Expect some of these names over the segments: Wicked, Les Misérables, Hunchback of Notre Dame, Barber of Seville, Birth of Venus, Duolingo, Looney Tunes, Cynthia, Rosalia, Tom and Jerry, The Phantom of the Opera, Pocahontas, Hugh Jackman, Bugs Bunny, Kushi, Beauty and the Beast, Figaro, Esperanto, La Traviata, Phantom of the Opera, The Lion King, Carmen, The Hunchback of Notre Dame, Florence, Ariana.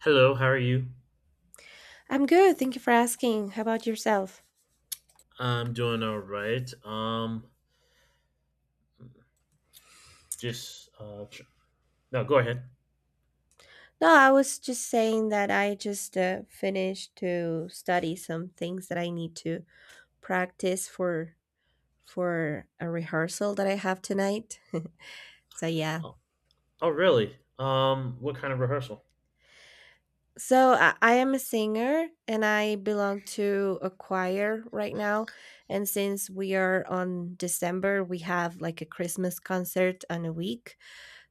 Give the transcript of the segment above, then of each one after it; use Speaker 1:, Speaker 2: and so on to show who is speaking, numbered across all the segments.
Speaker 1: Hello, how are you?
Speaker 2: I'm good. Thank you for asking. How about yourself?
Speaker 1: I'm doing all right. Just uh, tr- no, go ahead.
Speaker 2: No, I was just saying that I just finished to study some things that I need to practice for a rehearsal that I have tonight. So yeah.
Speaker 1: Oh, oh, really? What kind of rehearsal?
Speaker 2: So I am a singer and I belong to a choir right now. And since we are on December, we have like a Christmas concert on a week.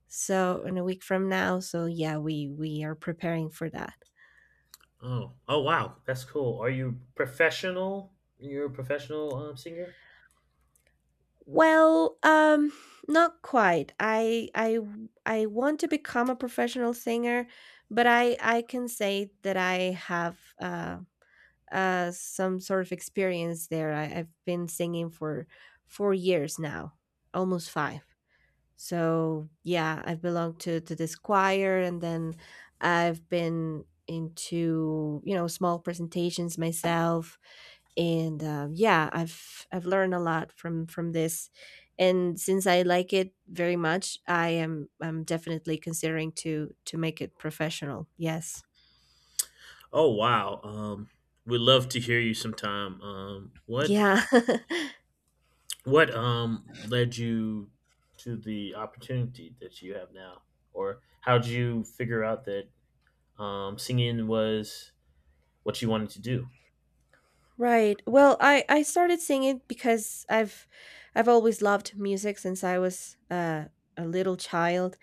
Speaker 2: So in a week from now, so yeah, we are preparing for that.
Speaker 1: Oh, oh, wow, that's cool. Are you professional? You're a professional singer?
Speaker 2: Well, not quite. I want to become a professional singer, but I can say that I have some sort of experience there. I've been singing for 4 years now, almost five. So yeah, I've belonged to this choir, and then I've been into small presentations myself and yeah, I've learned a lot from this, and since I like it very much, I'm definitely considering to make it professional, yes.
Speaker 1: Oh, wow. We'd love to hear you sometime. What
Speaker 2: Yeah.
Speaker 1: led you to the opportunity that you have now, or how did you figure out that singing was what you wanted to do?
Speaker 2: Right. Well, I started singing because I've always loved music since I was a little child,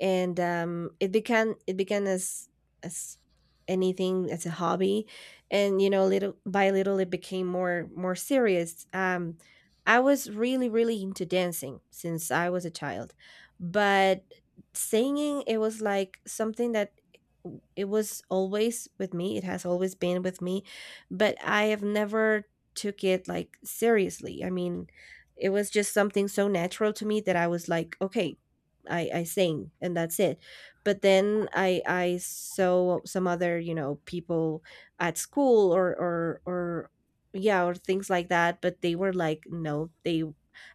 Speaker 2: and it began as anything, as a hobby, and you know, little by little, it became more serious. I was really really into dancing since I was a child, but singing, it was like something that it was always with me. It has always been with me, but I have never took it like seriously. I mean, it was just something so natural to me that I was like, okay, I sing and that's it. But then I saw some other, you know, people at school or yeah, or things like that, but they were like, no, they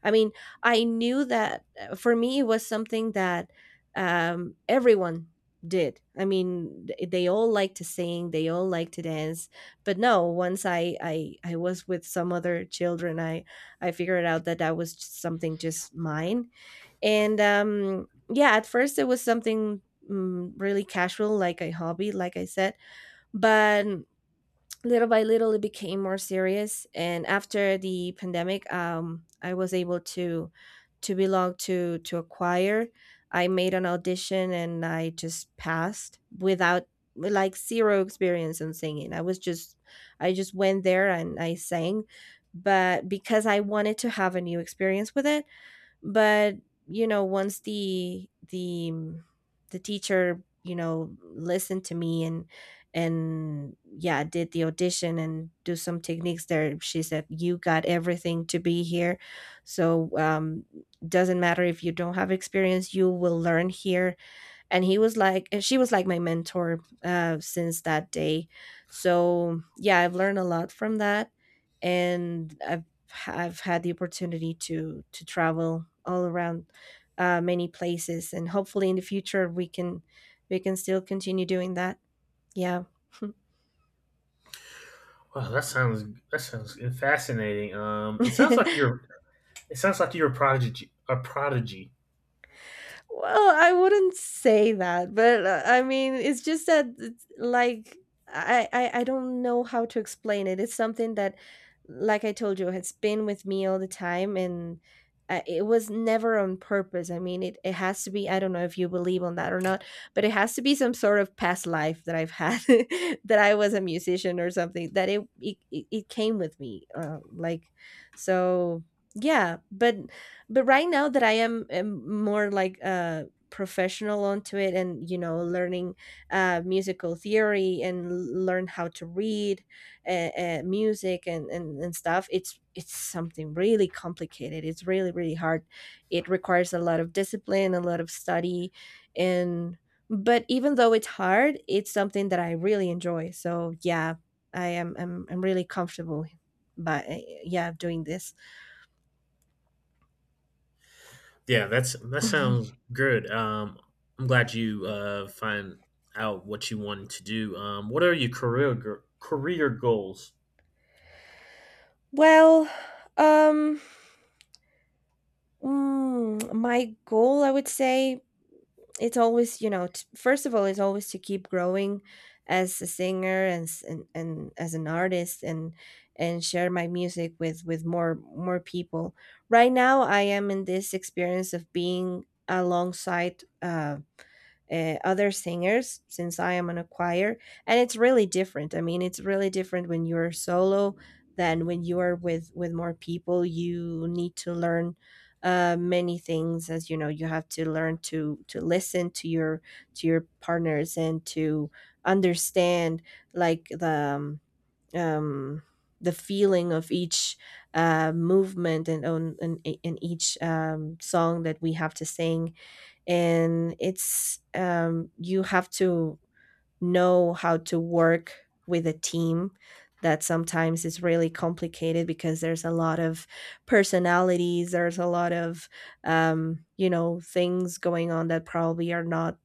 Speaker 2: I mean, I knew that for me it was something that everyone did. I mean, they all like to sing, they all like to dance, but no, once I I was with some other children, I figured out that that was just something just mine. And yeah, at first it was something really casual, like a hobby, like I said. But little by little it became more serious, and after the pandemic, I was able to belong to a choir. I made an audition and I just passed without, like, zero experience in singing. I was just, I just went there and I sang, but because I wanted to have a new experience with it. But you know, once the the teacher, you know, listened to me and yeah, did the audition and do some techniques there, she said, you got everything to be here. So doesn't matter if you don't have experience, you will learn here. And he was like, and she was like my mentor since that day. So yeah, I've learned a lot from that, and I've had the opportunity to travel all around many places, and hopefully in the future we can still continue doing that, yeah.
Speaker 1: Wow, that sounds fascinating. It sounds like you're a prodigy. A prodigy.
Speaker 2: Well, I wouldn't say that, but I mean, it's just that it's like I don't know how to explain it. It's something that, like I told you, has been with me all the time, and it was never on purpose. I mean, it has to be. I don't know if you believe on that or not, but it has to be some sort of past life that I've had, that I was a musician or something. That it came with me, like so. Yeah, but right now that am more like professional onto it, and you know, learning musical theory and learn how to read uh, music and stuff. It's something really complicated, it's really really hard. It requires a lot of discipline, a lot of study. And but even though it's hard, it's something that I really enjoy, so yeah, I'm really comfortable but yeah doing this.
Speaker 1: Yeah, that sounds good. I'm glad you find out what you wanted to do. What are your career career goals?
Speaker 2: Well, um, my goal, I would say, it's always, you know, first of all, it's always to keep growing as a singer and and as an artist, and share my music with with more people. Right now, I am in this experience of being alongside other singers, since I am on a choir. And it's really different. I mean, it's really different when you're solo than when you are with more people. You need to learn many things, as you know. You have to learn to listen to your partners and to understand like um, um, the feeling of each movement and on and, and each song that we have to sing. And it's you have to know how to work with a team that sometimes is really complicated because there's a lot of personalities, there's a lot of you know, things going on that probably are not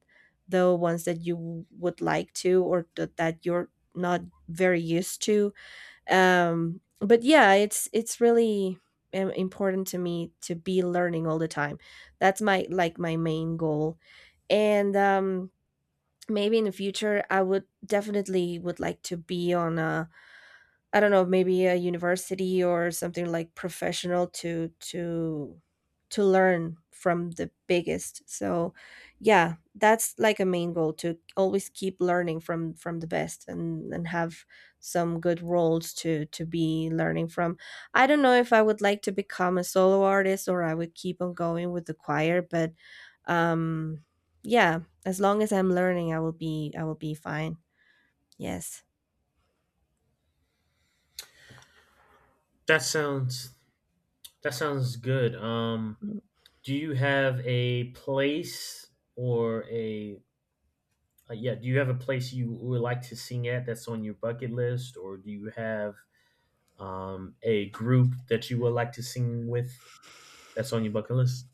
Speaker 2: the ones that you would like to, or that you're not very used to. But yeah, it's really important to me to be learning all the time. That's my, like, my main goal. And maybe in the future I would definitely would like to be on a I don't know, maybe a university or something like professional to learn from the biggest. So, yeah, that's like a main goal, to always keep learning from the best, and have some good roles to be learning from. I don't know if I would like to become a solo artist or I would keep on going with the choir, but um yeah, as long as I'm learning, I will be fine. Yes.
Speaker 1: That sounds that sounds good.
Speaker 2: Mm.
Speaker 1: Do you have a place or a yeah? Do you have a place you would like to sing at that's on your bucket list, or do you have a group that you would like to sing with that's on your bucket list?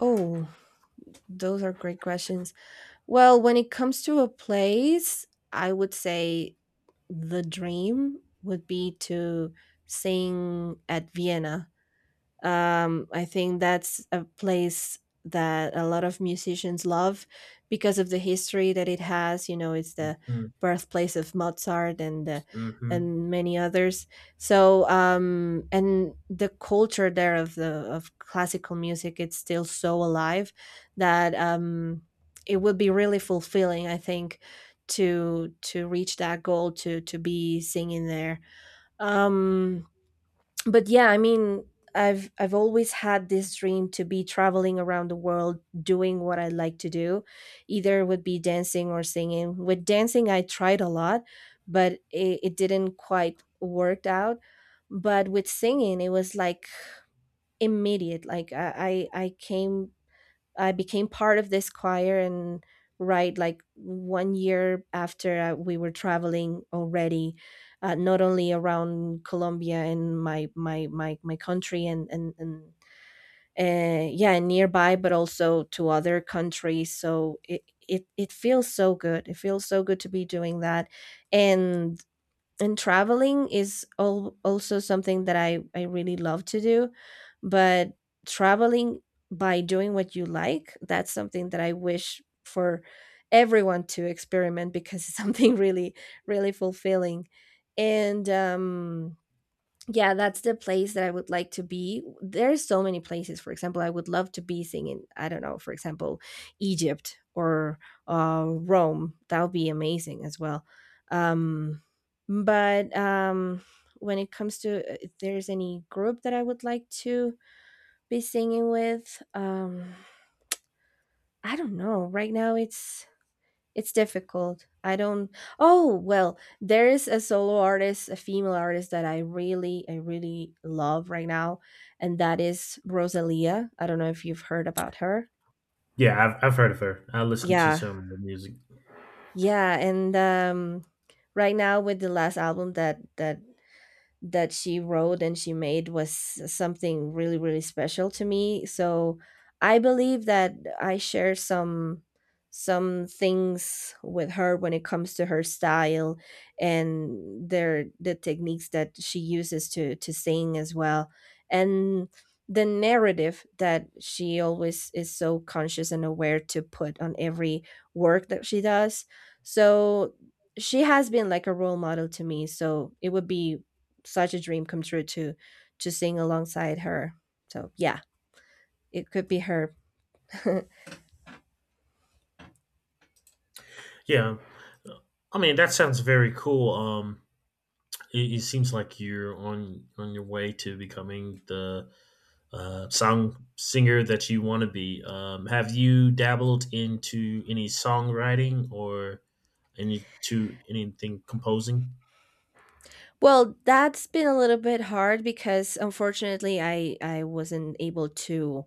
Speaker 2: Oh, those are great questions. Well, when it comes to a place, I would say the dream would be to sing at Vienna. I think that's a place that a lot of musicians love because of the history that it has. You know, it's the
Speaker 1: Hmm.
Speaker 2: birthplace of Mozart
Speaker 1: Hmm.
Speaker 2: and many others. So and the culture there of the of classical music, it's still so alive that it would be really fulfilling, I think, to reach that goal, to be singing there. Um, but yeah, I mean, I've always had this dream to be traveling around the world, doing what I like to do, either would be dancing or singing. With dancing I tried a lot, but it didn't quite work out. But with singing it was like immediate, like I came I became part of this choir, and right, like one year after, we were traveling already, not only around Colombia and my country and yeah, and nearby, but also to other countries. So it it feels so good, it feels so good to be doing that. and and traveling is also something that I really love to do. But traveling by doing what you like, that's something that I wish for everyone to experiment, because it's something really really fulfilling. And yeah, that's the place that I would like to be. There's so many places. For example, I would love to be singing, I don't know, for example, Egypt or Rome. That would be amazing as well. Um, but when it comes to if there's any group that I would like to be singing with, I don't know. Right now, it's difficult. I don't. Oh, well, there is a solo artist, a female artist that I really love right now, and that is Rosalia. I don't know if you've heard about her.
Speaker 1: Yeah, I've heard of her. I listened to
Speaker 2: Yeah.
Speaker 1: some of her music.
Speaker 2: Yeah, and right now with the last album that that she wrote and she made was something really really special to me. So I believe that I share some things with her when it comes to her style, and their the techniques that she uses to sing as well, and the narrative that she always is so conscious and aware to put on every work that she does. So she has been like a role model to me, so it would be such a dream come true to sing alongside her. So yeah, it could be her.
Speaker 1: Yeah, I mean that sounds very cool. It seems like you're on your way to becoming the song singer that you want to be. Have you dabbled into any songwriting or anything composing?
Speaker 2: Well, that's been a little bit hard because unfortunately I wasn't able to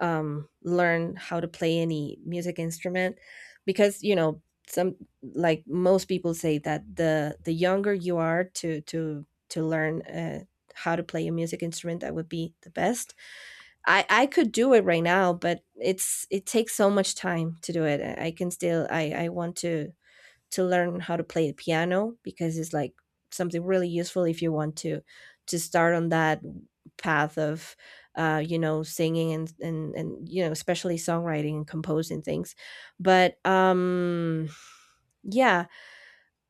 Speaker 2: learn how to play any music instrument, because you know, some, like most people say that the younger you are to to learn how to play a music instrument, that would be the best. I could do it right now, but it's it takes so much time to do it. I can still I want to learn how to play the piano because it's like something really useful if you want to start on that path of singing and especially songwriting and composing things but yeah,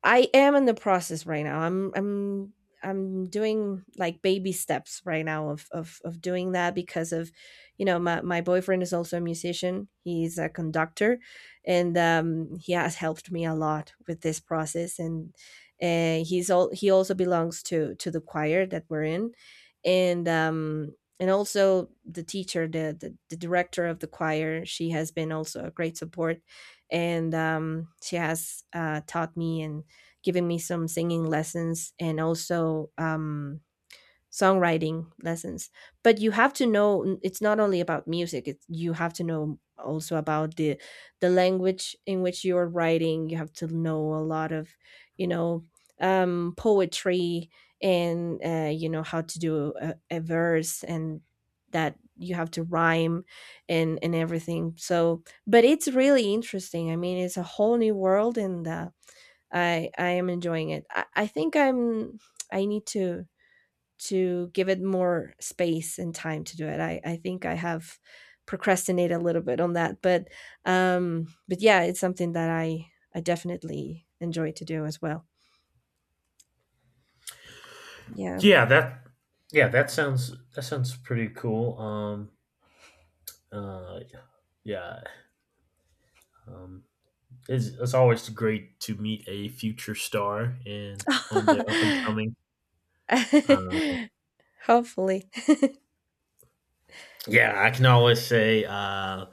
Speaker 2: I am in the process right now. I'm doing like baby steps right now of doing that because of, you know, my boyfriend is also a musician. He's a conductor, and he has helped me a lot with this process. And he also belongs to the choir that we're in, and also the teacher, the director of the choir, she has been also a great support. And she has taught me and giving me some singing lessons and also songwriting lessons. But you have to know it's not only about music. It's, you have to know also about the language in which you're writing. You have to know a lot of, you know, poetry and, how to do a verse and that you have to rhyme and everything. So, but it's really interesting. I mean, it's a whole new world, and I am enjoying it. I think I'm I need to give it more space and time to do it. I think I have procrastinated a little bit on that, but but yeah, it's something that I definitely enjoy to do as well. Yeah.
Speaker 1: Yeah, that yeah, that sounds pretty cool. Uh yeah. Um it's always great to meet a future star and on the up and coming. Uh,
Speaker 2: Hopefully.
Speaker 1: yeah, I can always say,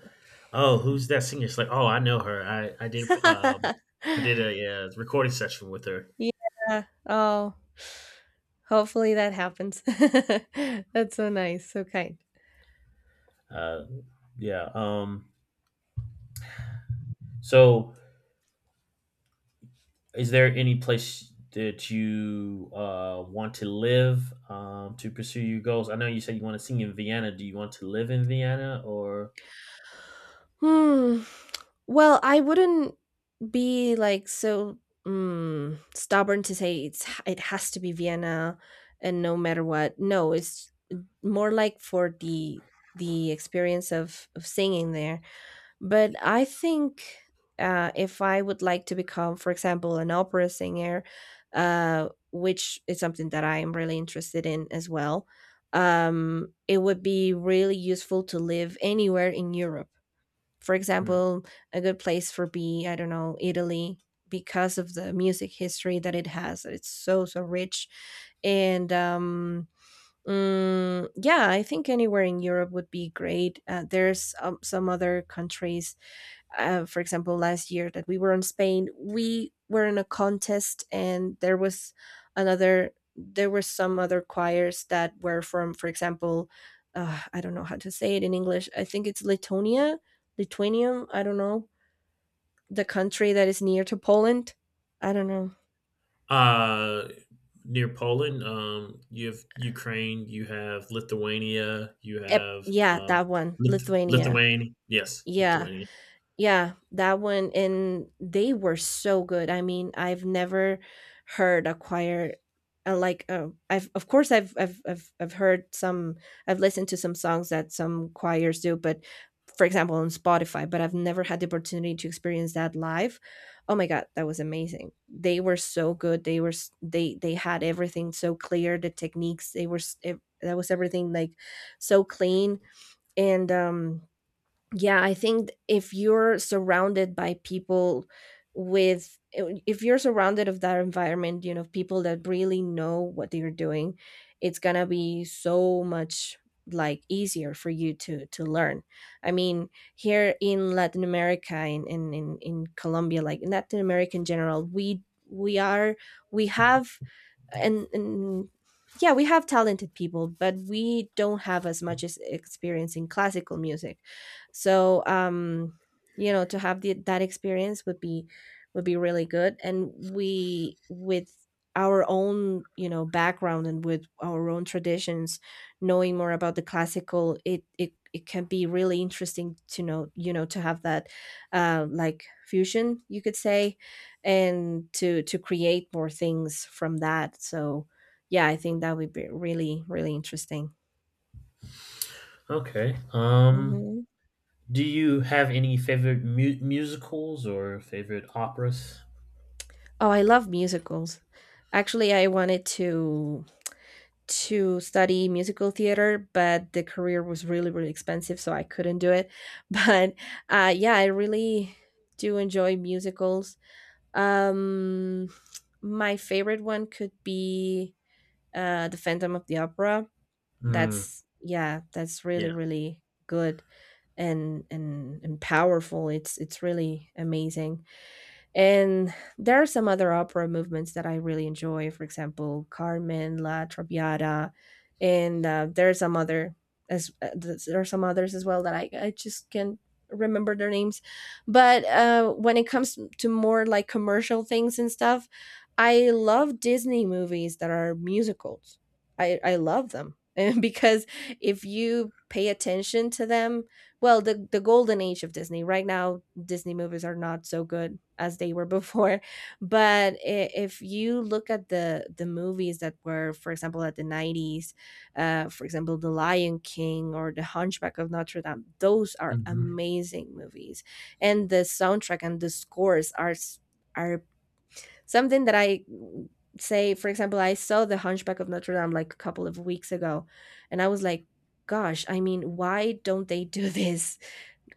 Speaker 1: "Oh, who's that singer?" It's like, "Oh, I know her. I did a recording session with her."
Speaker 2: Yeah. Oh, hopefully that happens. That's so nice, so kind.
Speaker 1: Uh, yeah. So is there any place that you want to live to pursue your goals? I know you said you want to sing in Vienna. Do you want to live in Vienna or?
Speaker 2: Hmm. Well, I wouldn't be like so stubborn to say it's it has to be Vienna and no matter what. No, it's more like for the experience of singing there. But I think, if I would like to become, for example, an opera singer, which is something that I am really interested in as well, it would be really useful to live anywhere in Europe, for
Speaker 1: Hmm.
Speaker 2: example. A good place for be, I don't know, Italy, because of the music history that it has. It's so so rich, and yeah, I think anywhere in Europe would be great. There's some other countries, for example, last year that we were in Spain, we were in a contest and there was another, there were some other choirs that were from, for example, I don't know how to say it in English. I think it's Lithuania, Lithuania. I don't know, the country that is near to Poland. I don't know.
Speaker 1: Uh, Near Poland, you have Ukraine, you have Lithuania, you have
Speaker 2: Yeah,
Speaker 1: uh,
Speaker 2: that one, Lithuania.
Speaker 1: Lithuania. Yes,
Speaker 2: Yeah.
Speaker 1: Lithuania.
Speaker 2: Yeah, that one, and they were so good. I mean, I've never heard a choir, I've, of course, I've heard some, I've listened to some songs that some choirs do, but for example on Spotify. But I've never had the opportunity to experience that live. Oh my god, that was amazing. They were so good. They were they had everything so clear, the techniques, they were that was everything like so clean. And yeah, I think if you're surrounded by people with, if you're surrounded of that environment, you know, people that really know what they're doing, it's gonna be so much like easier for you to learn. I mean, here in Latin America, in Colombia, like in Latin America in general, we are we have and yeah, we have talented people, but we don't have as much as experience in classical music. So you know, to have the, that experience would be really good. And we with our own, you know, background and with our own traditions, knowing more about the classical, it can be really interesting to know, you know, to have that, like fusion, you could say, and to create more things from that. So yeah, I think that would be really really interesting.
Speaker 1: Okay.
Speaker 2: Hmm.
Speaker 1: Do you have any favorite musicals or favorite operas?
Speaker 2: Oh, I love musicals. Actually, I wanted to study musical theater, but the career was really, really expensive, so I couldn't do it. But yeah, I really do enjoy musicals. Um, my favorite one could be The Phantom of the Opera.
Speaker 1: Mm,
Speaker 2: That's yeah, that's really,
Speaker 1: yeah.
Speaker 2: really good and powerful. It's really amazing. And there are some other opera movements that I really enjoy, for example, Carmen, La Traviata, and, there are some others as well that I just can't remember their names. But when it comes to more like commercial things and stuff, I love Disney movies that are musicals. I love them because if you pay attention to them, well, the golden age of Disney right now, Disney movies are not so good as they were before. But if you look at the movies that were, for example, at the nineties, for example, The Lion King or The Hunchback of Notre Dame, those are
Speaker 1: Hmm.
Speaker 2: amazing movies, and the soundtrack and the scores are are something that I say. For example, I saw The Hunchback of Notre Dame like a couple of weeks ago, and I was like, "Gosh, I mean, why don't they do this?"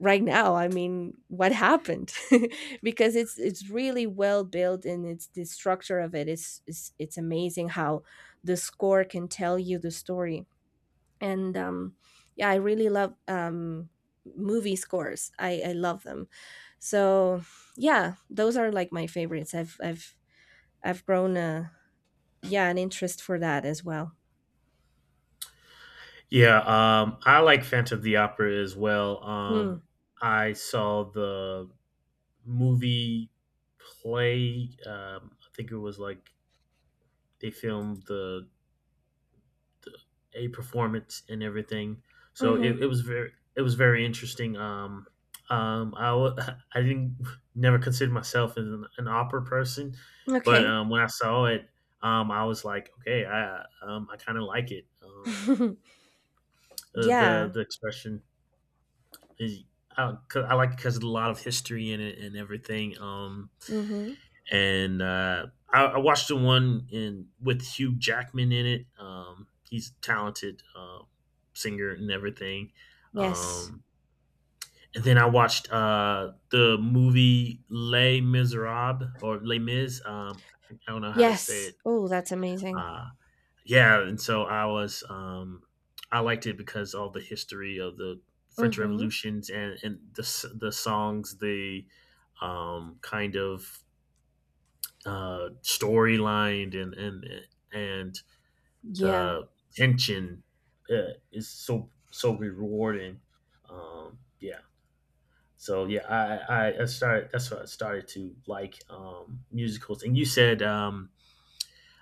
Speaker 2: Right now, I mean, what happened? Because it's really well built, and it's the structure of it is it's amazing how the score can tell you the story. And yeah, I really love movie scores. I love them. So yeah, those are like my favorites. I've grown a yeah an interest for that as well.
Speaker 1: Yeah, I like Phantom of the Opera as well.
Speaker 2: Mm.
Speaker 1: I saw the movie play. I think it was like they filmed the a performance and everything. So
Speaker 2: Mm-hmm.
Speaker 1: it was very interesting. Um, I w- I didn't never consider myself as an opera person, but
Speaker 2: Okay.
Speaker 1: when I saw it, I was like, okay, I kind of like it. The
Speaker 2: Yeah.
Speaker 1: expression is 'cause I like because a lot of history in it and everything.
Speaker 2: Mm-hmm.
Speaker 1: And I watched the one in with Hugh Jackman in it. He's a talented singer and everything.
Speaker 2: Yes.
Speaker 1: Um, and then I watched the movie Les Miserables or Les Mis. I don't know how to say
Speaker 2: Yes,
Speaker 1: it.
Speaker 2: oh, that's amazing.
Speaker 1: Uh, yeah, and so I was I liked it because all the history of the French
Speaker 2: Mhm.
Speaker 1: revolutions and the songs, the kind of storyline and
Speaker 2: Yeah.
Speaker 1: the tension is so so rewarding. Yeah. So yeah, I started. That's what I started to like musicals. And you said um,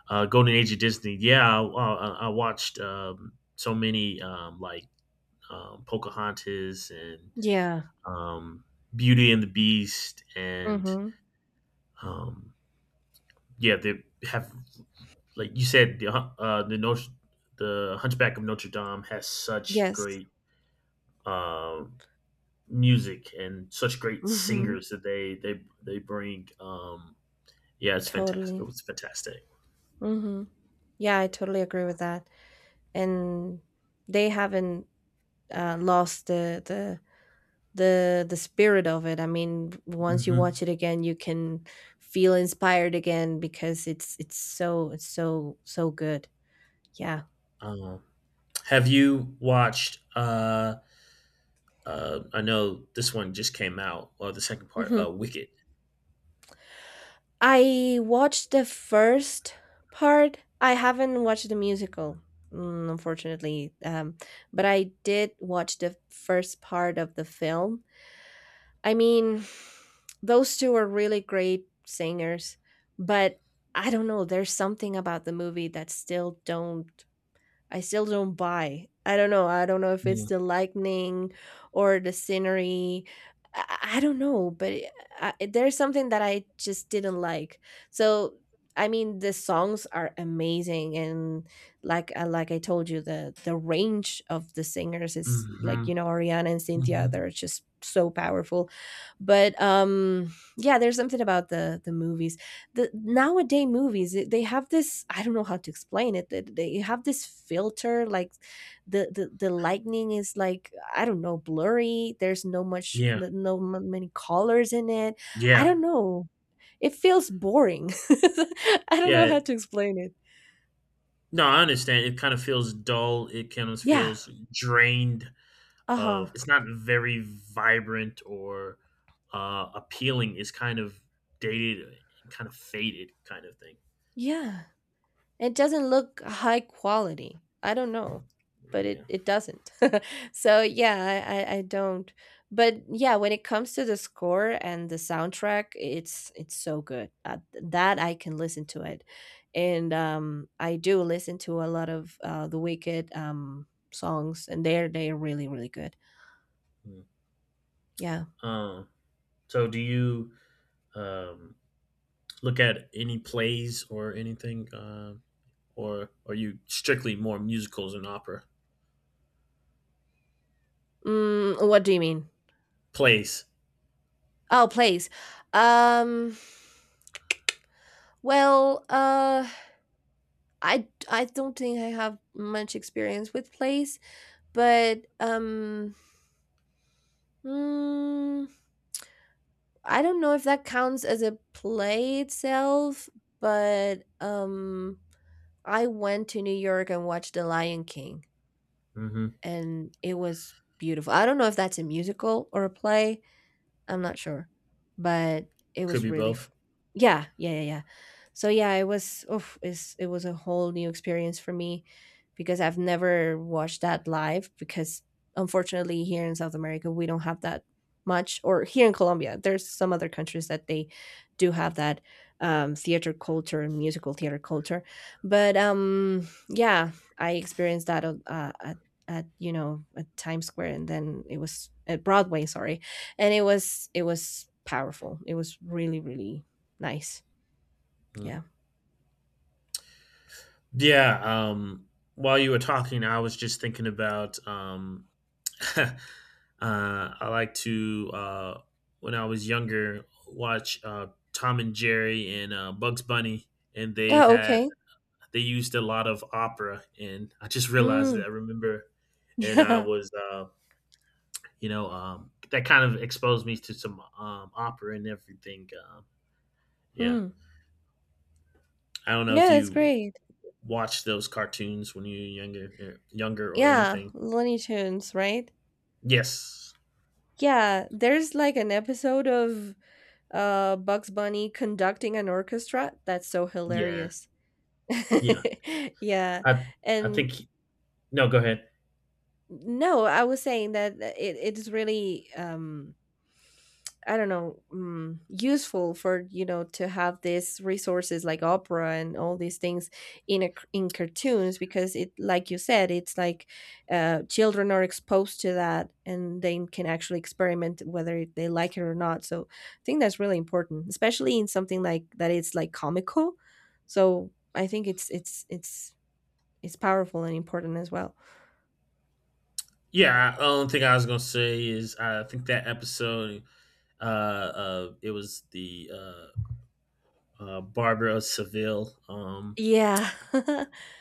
Speaker 1: uh, Golden Age of Disney. Yeah, I watched so many like Pocahontas and
Speaker 2: Yeah.
Speaker 1: um, Beauty and the Beast, and
Speaker 2: Mhm.
Speaker 1: um, yeah, they have like you said, the the Hunchback of Notre Dame has such
Speaker 2: Yes.
Speaker 1: great um music and such great
Speaker 2: Mhm.
Speaker 1: singers that they bring. Yeah, it's fantastic. It
Speaker 2: Totally.
Speaker 1: was fantastic.
Speaker 2: Mhm. Yeah, I totally agree with that. And they haven't, lost the spirit of it. I mean, once you
Speaker 1: Hmm.
Speaker 2: watch it again, you can feel inspired again because it's so so good. Yeah.
Speaker 1: Um, have you watched? I know this one just came out, or the second part,
Speaker 2: Mhm.
Speaker 1: Wicked.
Speaker 2: I watched the first part. I haven't watched the musical, unfortunately. But I did watch the first part of the film. I mean, those two are really great singers, but I don't know. There's something about the movie that still don't I still don't buy. I don't know. I don't know if it's
Speaker 1: Yeah.
Speaker 2: the lightning or the scenery. I don't know, but I, there's something that I just didn't like. So I mean, the songs are amazing, and like, like I told you, the range of the singers is, like,
Speaker 1: Mm-hmm.
Speaker 2: you know, Ariana and Cynthia.
Speaker 1: Hmm.
Speaker 2: They're just so powerful, but yeah, there's something about the movies, the nowadays movies, they have this, I don't know how to explain it, that they have this filter, like the lightning is like, I don't know, blurry. There's no much
Speaker 1: Yeah,
Speaker 2: no many colors in it. I
Speaker 1: yeah,
Speaker 2: don't know, it feels boring. I don't
Speaker 1: yeah.
Speaker 2: know how to explain it.
Speaker 1: No, I understand. It kind of feels dull. It kind of
Speaker 2: Yeah.
Speaker 1: feels drained
Speaker 2: Uh-huh.
Speaker 1: of it's not very vibrant or appealing. It's kind of dated, kind of faded, kind of thing.
Speaker 2: Yeah. It doesn't look high quality. I don't know, but it
Speaker 1: Yeah.
Speaker 2: it doesn't. So yeah, I don't. But yeah, when it comes to the score and the soundtrack, it's so good. That I can listen to it, and I do listen to a lot of, the Wicked songs, and they're really really good. Yeah.
Speaker 1: Um. So, do you um, look at any plays or anything, or are you strictly more musicals and opera?
Speaker 2: Mm, what do you mean?
Speaker 1: Plays.
Speaker 2: Oh, plays. Um. Well. I don't think I have much experience with plays. But, mm, I don't know if that counts as a play itself, but, I went to New York and watched The Lion King,
Speaker 1: Hmm.
Speaker 2: and it was beautiful. I don't know if that's a musical or a play, I'm not sure, but it
Speaker 1: Could
Speaker 2: was
Speaker 1: be
Speaker 2: really,
Speaker 1: both.
Speaker 2: yeah, yeah, yeah, yeah. So yeah, it was. Oof, it was a whole new experience for me because I've never watched that live. Because unfortunately, here in South America, we don't have that much. Or here in Colombia, there's some other countries that they do have that theater culture and musical theater culture. But yeah, I experienced that at you know at Times Square, and then it was at Broadway. Sorry, and it was powerful. It was really really nice.
Speaker 1: Mm.
Speaker 2: Yeah.
Speaker 1: Yeah. While you were talking, I was just thinking about I like to, when I was younger, watch Tom and Jerry and Bugs Bunny, and
Speaker 2: Oh, okay.
Speaker 1: they used a lot of opera, and I just realized that
Speaker 2: Mm.
Speaker 1: I remember, and I
Speaker 2: Yeah.
Speaker 1: was, that kind of exposed me to some opera and everything. Yeah,
Speaker 2: Mm.
Speaker 1: I don't know
Speaker 2: Yeah,
Speaker 1: if
Speaker 2: that's
Speaker 1: you
Speaker 2: great.
Speaker 1: watched those cartoons when you were younger, younger or
Speaker 2: Yeah,
Speaker 1: anything.
Speaker 2: Looney Tunes, right?
Speaker 1: Yes,
Speaker 2: Yeah, there's like an episode of Bugs Bunny conducting an orchestra. That's so
Speaker 1: yeah,
Speaker 2: hilarious.
Speaker 1: yeah.
Speaker 2: Yeah.
Speaker 1: I I
Speaker 2: And
Speaker 1: think no. Go ahead.
Speaker 2: no, I was saying that it is really I don't know, useful for you know to have these resources like opera and all these things in in cartoons because it, like you said, it's like children are exposed to that and they can actually experiment whether they like it or not. So I think that's really important, especially in something like that. It's like comical, so I think it's powerful and important as well.
Speaker 1: Yeah, the only thing I was gonna say is I think that episode, it was the Barber of Seville.
Speaker 2: Yeah,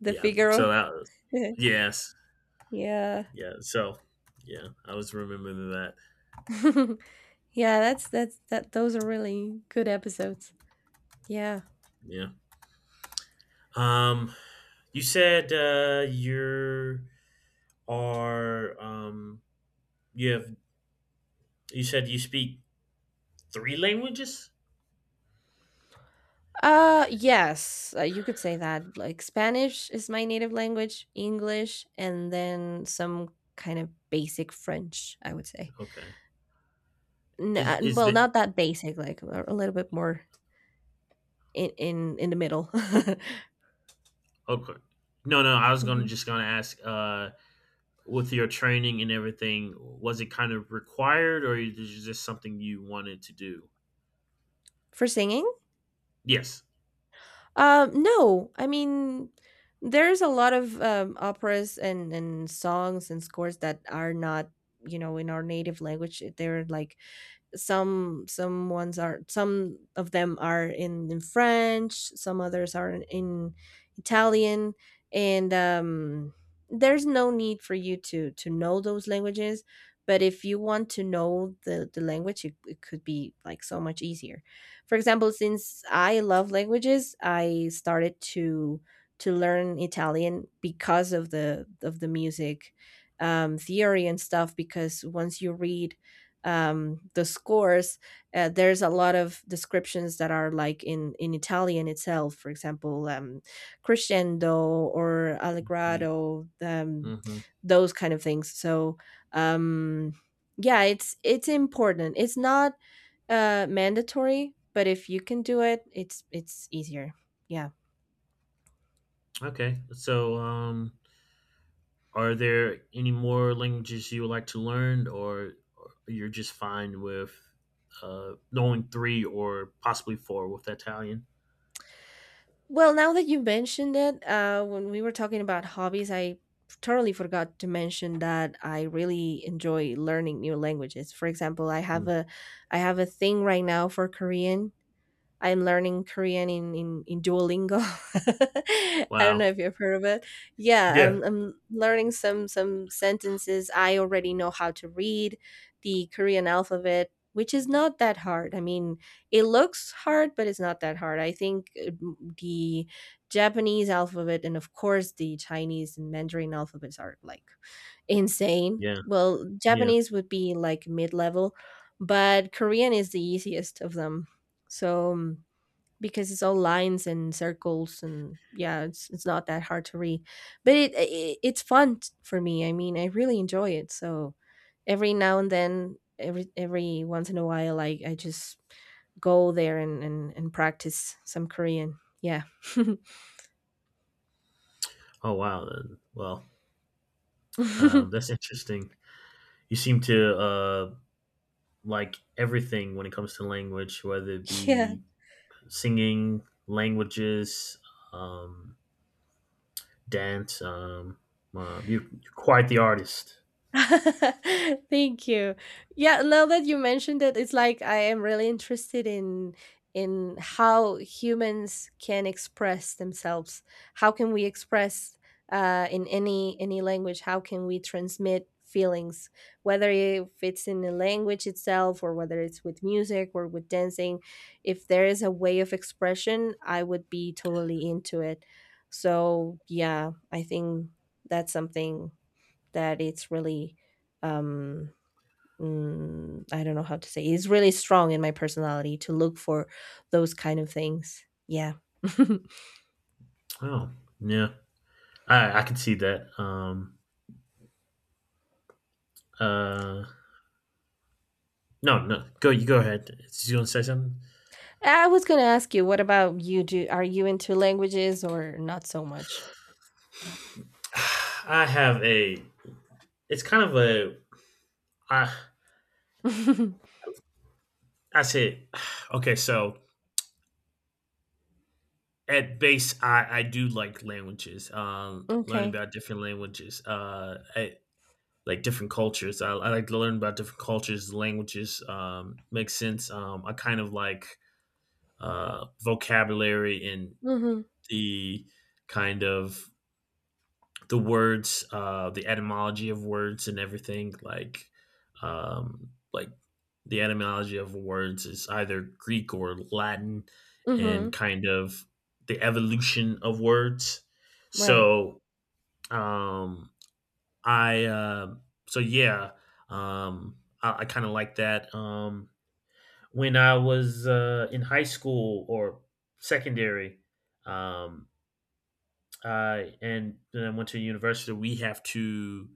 Speaker 2: the
Speaker 1: Yeah, so
Speaker 2: Figaro.
Speaker 1: that was yes,
Speaker 2: yeah.
Speaker 1: yeah. So yeah, I was remembering that.
Speaker 2: Yeah, that's that those are really good episodes. Yeah.
Speaker 1: Yeah. Um, you said uh you are um you have you said you speak three languages.
Speaker 2: Yes, you could say that. Like, Spanish is my native language, English, and then some kind of basic French, I would say.
Speaker 1: Okay. Is
Speaker 2: Well,
Speaker 1: that
Speaker 2: not that basic, like a little bit more in the middle.
Speaker 1: okay? No, no. I was gonna
Speaker 2: hmm
Speaker 1: just gonna ask. With your training and everything, was it kind of required or is it just something you wanted to do?
Speaker 2: For singing?
Speaker 1: Yes.
Speaker 2: No, I mean, there's a lot of operas and songs and scores that are not, you know, in our native language. They're like some of them are in French, some others are in Italian, and there's no need for you to know those languages. But if you want to know the language, it could be like so much easier. For example, since I love languages, I started to learn Italian because of the music theory and stuff. Because once you read the scores, there's a lot of descriptions that are like in Italian itself. For example, crescendo or allegro,
Speaker 1: Mm-hmm.
Speaker 2: those kind of things. So um, yeah, it's important. It's not mandatory, but if you can do it, it's easier. Yeah.
Speaker 1: Okay. So, are there any more languages you would like to learn, or you're just fine with knowing three or possibly four with Italian?
Speaker 2: Well, now that you mentioned it, when we were talking about hobbies, I totally forgot to mention that I really enjoy learning new languages. For example,
Speaker 1: Mm.
Speaker 2: I have a thing right now for Korean. I'm learning Korean in Duolingo. I don't know
Speaker 1: Wow.
Speaker 2: if you've heard of it. Yeah,
Speaker 1: Yeah.
Speaker 2: I'm learning some sentences. I already know how to read the Korean alphabet, which is not that hard. I mean, it looks hard, but it's not that hard. I think the Japanese alphabet and of course the Chinese and Mandarin alphabets are like insane.
Speaker 1: Yeah.
Speaker 2: Well,
Speaker 1: Yeah.
Speaker 2: Japanese would be like mid-level, but Korean is the easiest of them. So because it's all lines and circles, and yeah, it's not that hard to read but it it's fun for me. I mean, I really enjoy it. So every now and then, every once in a while, I just go there and and practice some Korean. Yeah.
Speaker 1: Oh, wow. Well, that's interesting. You seem to like everything when it comes to language, whether it
Speaker 2: yeah.
Speaker 1: be singing, languages, um, dance. You're quite the artist.
Speaker 2: Thank you. Yeah, now that you mentioned it, it's like I am really interested in how humans can express themselves. How can we express in any language? How can we transmit feelings, whether if it's in the language itself or whether it's with music or with dancing? If there is a way of expression, I would be totally into it. So yeah, I think that's something that it's really um I don't know how to say. It's really strong in my personality to look for those kind of things. Yeah.
Speaker 1: Oh, yeah. I can see that. Uh, no, no. Go You go ahead. You gonna say something?
Speaker 2: I was going to ask you, what about you, do are you into languages or not so much?
Speaker 1: I have a. It's kind of a. I I say. Okay, so at base, I do like languages, learning
Speaker 2: okay.
Speaker 1: about different languages, like different cultures. I like to learn about different cultures, languages. Makes sense. I kind of like vocabulary and
Speaker 2: Mhm.
Speaker 1: the kind of the words, the etymology of words and everything. Like the etymology of words is either Greek or Latin, and
Speaker 2: Mhm.
Speaker 1: kind of the evolution of words.
Speaker 2: Right.
Speaker 1: So, um, I, uh, so yeah, I kind of like that. When I was in high school or secondary, um, I and then I went to university, we have to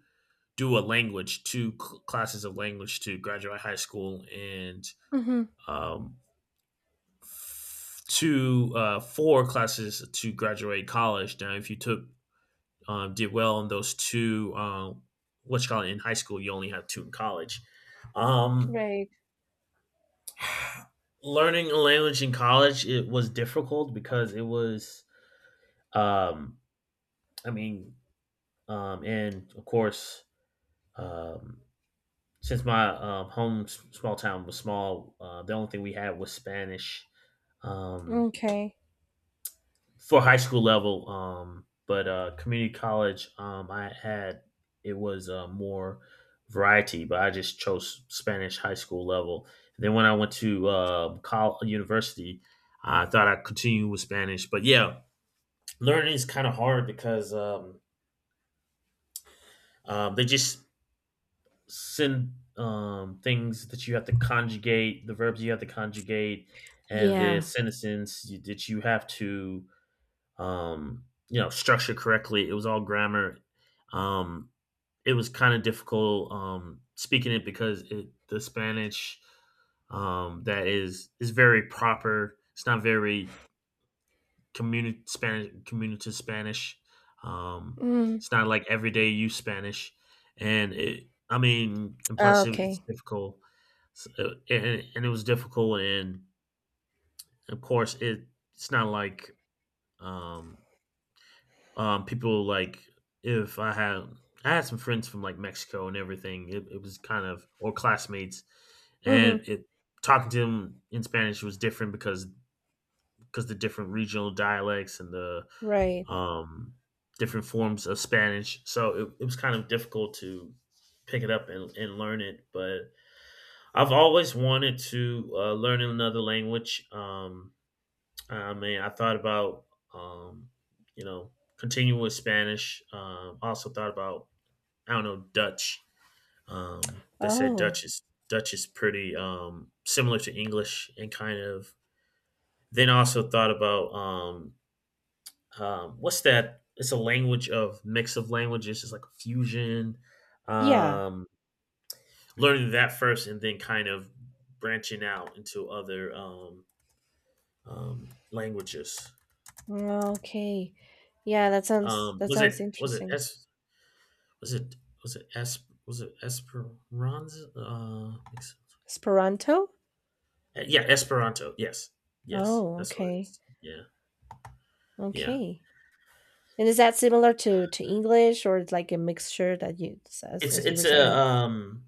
Speaker 1: do a language, two classes of language to graduate high school, and
Speaker 2: Mhm.
Speaker 1: um, four classes to graduate college. Now, if you took did well in those two, what you call it in high school, you only have two in college. Um,
Speaker 2: Right.
Speaker 1: Learning a language in college it was difficult because it was, um, I mean, and of course. Um, since my small town was small, the only thing we had was Spanish um,
Speaker 2: Okay.
Speaker 1: for high school level. But community college, I had it was more variety, but I just chose Spanish high school level. Then when I went to college, university, I thought I'd continue with Spanish. But yeah, learning is kind of hard because they just syn things that you have to conjugate, the verbs you have to conjugate, and the
Speaker 2: Yeah.
Speaker 1: sentences that you have to, um, structure correctly. It was all grammar. Um, it was kind of difficult speaking it because the Spanish that is very proper. It's not very community Spanish. Um,
Speaker 2: Mm.
Speaker 1: it's not like everyday use Spanish, and I mean, and
Speaker 2: Ah,
Speaker 1: plus it was
Speaker 2: okay.
Speaker 1: difficult. So, and it was difficult, and of course it's not like um, people like if I had I had some friends from like Mexico and everything, it was kind of or classmates, and
Speaker 2: Mhm.
Speaker 1: it talking to them in Spanish was different because the different regional dialects and the
Speaker 2: Right.
Speaker 1: um, different forms of Spanish. So it was kind of difficult to pick it up and learn it. But I've always wanted to learn another language. I mean, I thought about, um, you know, continuing with Spanish. Also thought about, I don't know, Dutch. They said
Speaker 2: Oh.
Speaker 1: Dutch is pretty similar to English and kind of. Then also thought about what's that? It's a language of mix of languages. It's like a fusion.
Speaker 2: Yeah.
Speaker 1: Um, Learning that first, and then kind of branching out into other languages.
Speaker 2: Okay. Yeah,
Speaker 1: Um,
Speaker 2: that
Speaker 1: was it
Speaker 2: sounds
Speaker 1: was it
Speaker 2: interesting.
Speaker 1: es, was it was it es, was it Esperanza?
Speaker 2: Esperanto?
Speaker 1: Yeah, Esperanto. Yes, yes,
Speaker 2: Oh,
Speaker 1: that's what it
Speaker 2: okay.
Speaker 1: is. Yeah, yeah.
Speaker 2: Okay. And is that similar to English, or it's like a mixture that you, as,
Speaker 1: It's
Speaker 2: as you were
Speaker 1: it's a
Speaker 2: saying?
Speaker 1: um,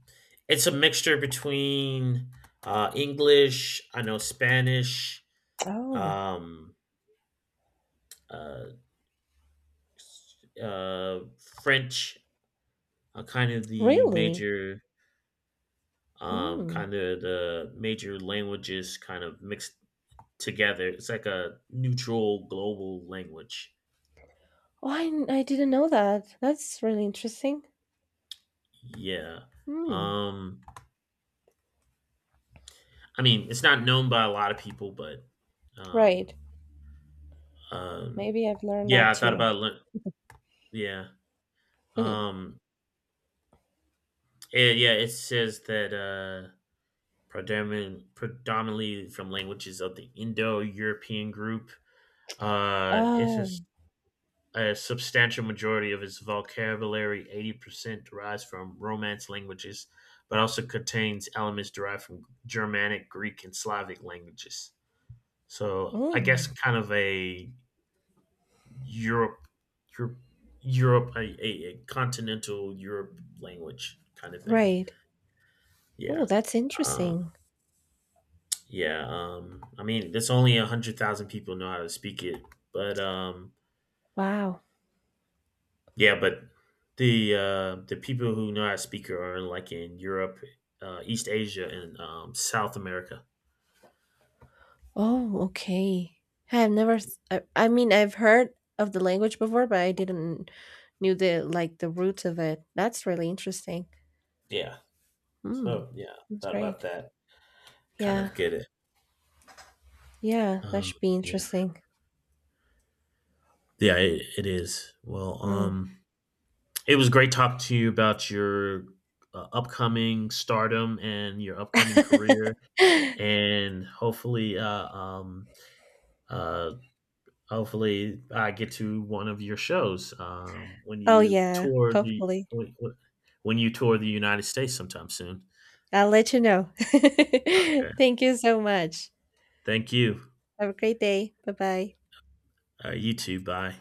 Speaker 1: it's a mixture between English. I know Spanish
Speaker 2: Oh,
Speaker 1: um, uh, uh, French are
Speaker 2: really? Hmm.
Speaker 1: kind of the major languages kind of mixed together. It's like a neutral global language.
Speaker 2: Oh, I didn't know that. That's really interesting.
Speaker 1: Yeah.
Speaker 2: Hmm.
Speaker 1: Um, I mean, it's not known by a lot of people, but um,
Speaker 2: Right.
Speaker 1: um,
Speaker 2: Maybe I've learned
Speaker 1: yeah,
Speaker 2: that
Speaker 1: I thought
Speaker 2: too.
Speaker 1: about yeah. Um, yeah, it says that. Predominantly from languages of the Indo-European group. Uh, it's a,
Speaker 2: oh,
Speaker 1: s- a substantial majority of its vocabulary, 80% derives from Romance languages, but also contains elements derived from Germanic, Greek, and Slavic languages. So I guess
Speaker 2: mm,
Speaker 1: kind of a Europe, Europe, a continental Europe language kind of thing.
Speaker 2: right.
Speaker 1: Yeah.
Speaker 2: Oh, that's
Speaker 1: Um,
Speaker 2: interesting.
Speaker 1: Yeah, I mean, there's only 100,000 people know how to speak it, but
Speaker 2: Wow.
Speaker 1: yeah, but the people who know how to speak it are like in Europe, East Asia, and South America.
Speaker 2: Oh, okay. I have never. I mean, I've heard of the language before, but I didn't knew the like the roots of it. That's really interesting.
Speaker 1: Yeah,
Speaker 2: Hmm.
Speaker 1: so yeah,
Speaker 2: That's
Speaker 1: thought about
Speaker 2: great.
Speaker 1: that. Kind
Speaker 2: Yeah.
Speaker 1: of get it.
Speaker 2: Yeah. That
Speaker 1: Um,
Speaker 2: should be
Speaker 1: yeah,
Speaker 2: interesting.
Speaker 1: yeah, it is. Well,
Speaker 2: Mm.
Speaker 1: it was great talking to you about your upcoming stardom and your upcoming career, and uh hopefully, I get to one of your shows when
Speaker 2: oh
Speaker 1: you
Speaker 2: yeah.
Speaker 1: tour the
Speaker 2: Hopefully,
Speaker 1: when when you tour the United States sometime soon.
Speaker 2: I'll let you know.
Speaker 1: Okay,
Speaker 2: Thank you so much.
Speaker 1: thank you.
Speaker 2: Have a great day. Bye bye.
Speaker 1: You too. Bye.